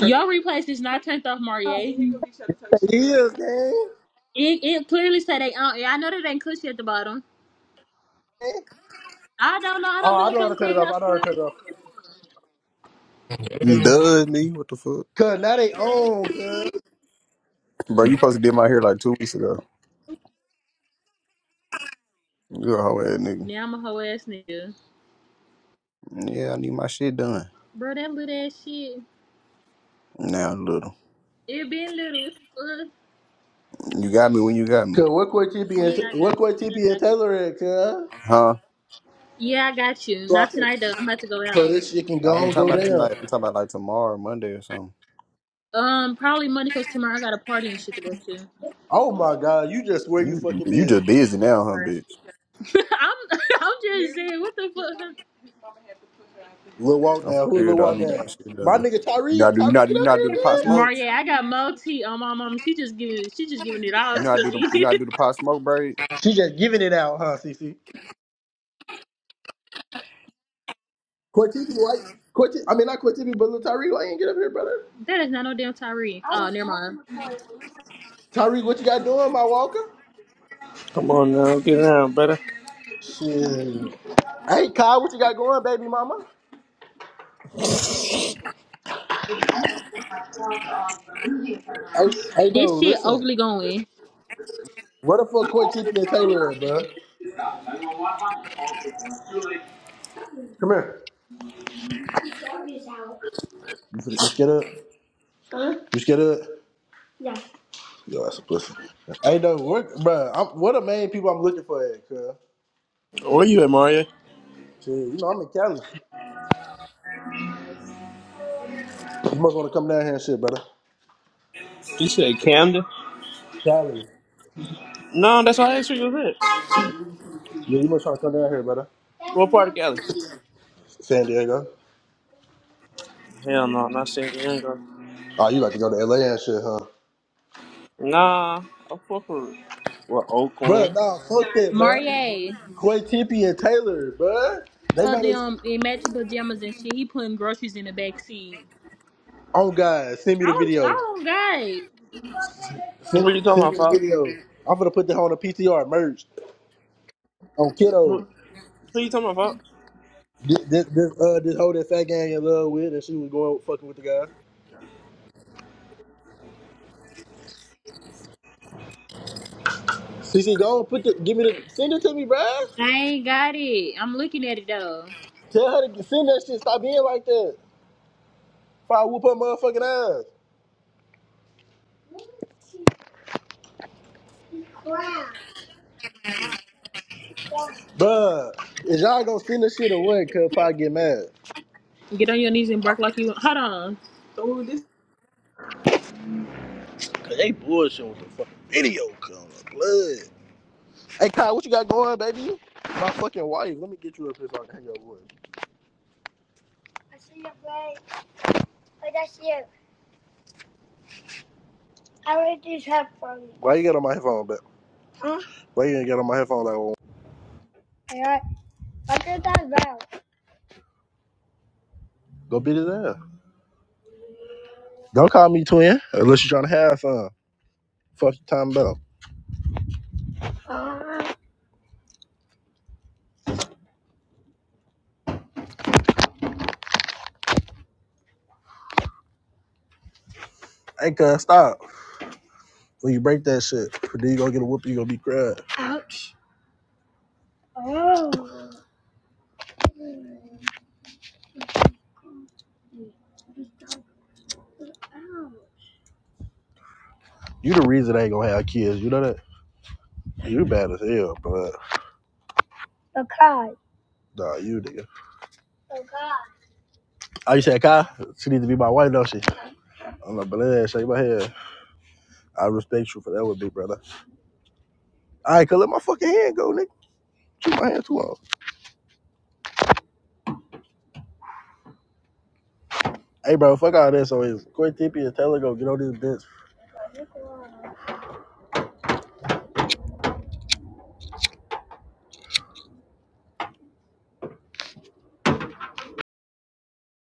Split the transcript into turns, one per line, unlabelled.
Your replays is not turned off, Marie.
He is, man.
It, it clearly said they on. Yeah, I know that ain't cushy at the bottom. I don't know. I
Oh,
don't be
I
in
know how
fucking
to cut it off.
clubhouse
I know how to
for.
cut it off.
Duh, me. What the fuck?
Cause now they own, cuz.
Bro, you supposed to did my hair like two weeks ago. You a hoe ass nigga.
Now I'm a hoe ass nigga,
Yeah, I need my shit done.
bro. That little ass shit.
Now, little.
It been little. What the fuck?
You got me when you got me.
Cause what quit TP
Yeah, I
and
got
what quit
you. Yeah,
TP
I
and
got
Taylor at, cuz?
Huh?
you. Yeah, I got you.
So, I
Not
can-
tonight though. I'm about to go
so
out.
this shit can go
I ain't
on,
talking
go
about tonight.
down.
I'm talking about like tomorrow, Monday or something.
Um, probably Monday because tomorrow I got a party and shit to go to.
Oh my god, you just where you
You,
fucking
you
busy.
just busy now, huh, bitch?
I'm I'm just saying, what the fuck?
Lil Walk
I'm for
now. Who
real
Lil
though. I
Walk
need
now?
my shit
My
done.
nigga
You not
Tyreek.
do you
Tyreek,
not do
get
you
up
not do
here,
the pot
man.
smokes?
Maria, I got Mo T on my mom. She just giving she just giving it all
You not
to
do the you
me.
not do the pot smoke braids?
She just giving it out, huh, Cece? Quit TP, why? Quit I mean, not quit TP, but Lil Tyreek, why you ain't get up here, brother?
That is not no damn Tyree. Oh, never mind.
Tyreek, what you got doing, my walker?
Come on now, get down, brother.
Shit. Hey, Kyle, what you got going, baby mama? Hey, hey,
This
dude,
shit
listen.
overly going.
Where the fuck Coy TP and Taylor at, bro? Come here. You, finna- you scared up? You scared up? Yo, that's a pussy. Hey, dude, where, bro, I'm, what the main people I'm looking for at, cuz?
Where you at, Mario?
Shit, you know, I'm in Cali. You must want to come down here and shit, brother.
You said Camden?
Cali.
No, that's why I asked you you was at.
Yeah, you must try to come down here, brother.
What part of Cali?
San Diego.
Hell no, not San Diego.
Oh, you like to go to LA and shit, huh?
Nah, I fuck with, with
Bruh,
Oakland.
nah,
that
fuck
already went
that,
through.
bruh.
Marie,
Quay Tippy and Taylor, bruh. They
uh,
got us.
them in matching pajamas and shit. He putting groceries in the back seat.
Oh, God, send me
I
the
don't, I
video.
don't got it.
Send,
What you talking
send
about,
me the
Fox?
video. I'm gonna put that on a PTR merch. On kiddo,
What, what you talking about,
this this this, uh, this whole that fat gang in love with, and she was going fucking with the guy. CC, go on, put the give me the send it to me, bruh.
I ain't got it. I'm looking at it though.
Tell her to send that shit. Stop being like that. If I whoop her motherfucking ass, bruh. Is y'all gonna send this shit away? Cause if I get mad,
Get on your knees and bark like you. Hold on.
Cause they bullshit with the fucking video coming blood. Hey Kai, what you got going, baby? My fucking wife. Let me get you up here so I can hear your voice. I see your play, but that's you. I already just have fun. Why you got on my headphone, but why you ain't got on my headphone like? All right. I did that well. Go beat his ass. Don't call me twin unless you're trying to have fun. Fuck your time about. Hey, cuz, stop. When you break that shit, then you gonna get a whoop. You gonna be crying. Oh. You the reason I ain't gonna have kids. You know that? You bad as hell, but Okay. nah, you nigga. Okay. Oh, you said Kai? She needs to be my wife, don't she? I'm like, but that shake my head. I respect you for that with big brother. All right, cuz let my fucking hand go, nigga. Shoot my hand too long. Hey, bro, fuck all this. So it's Quit Tippy and Taylor go get on these bitch.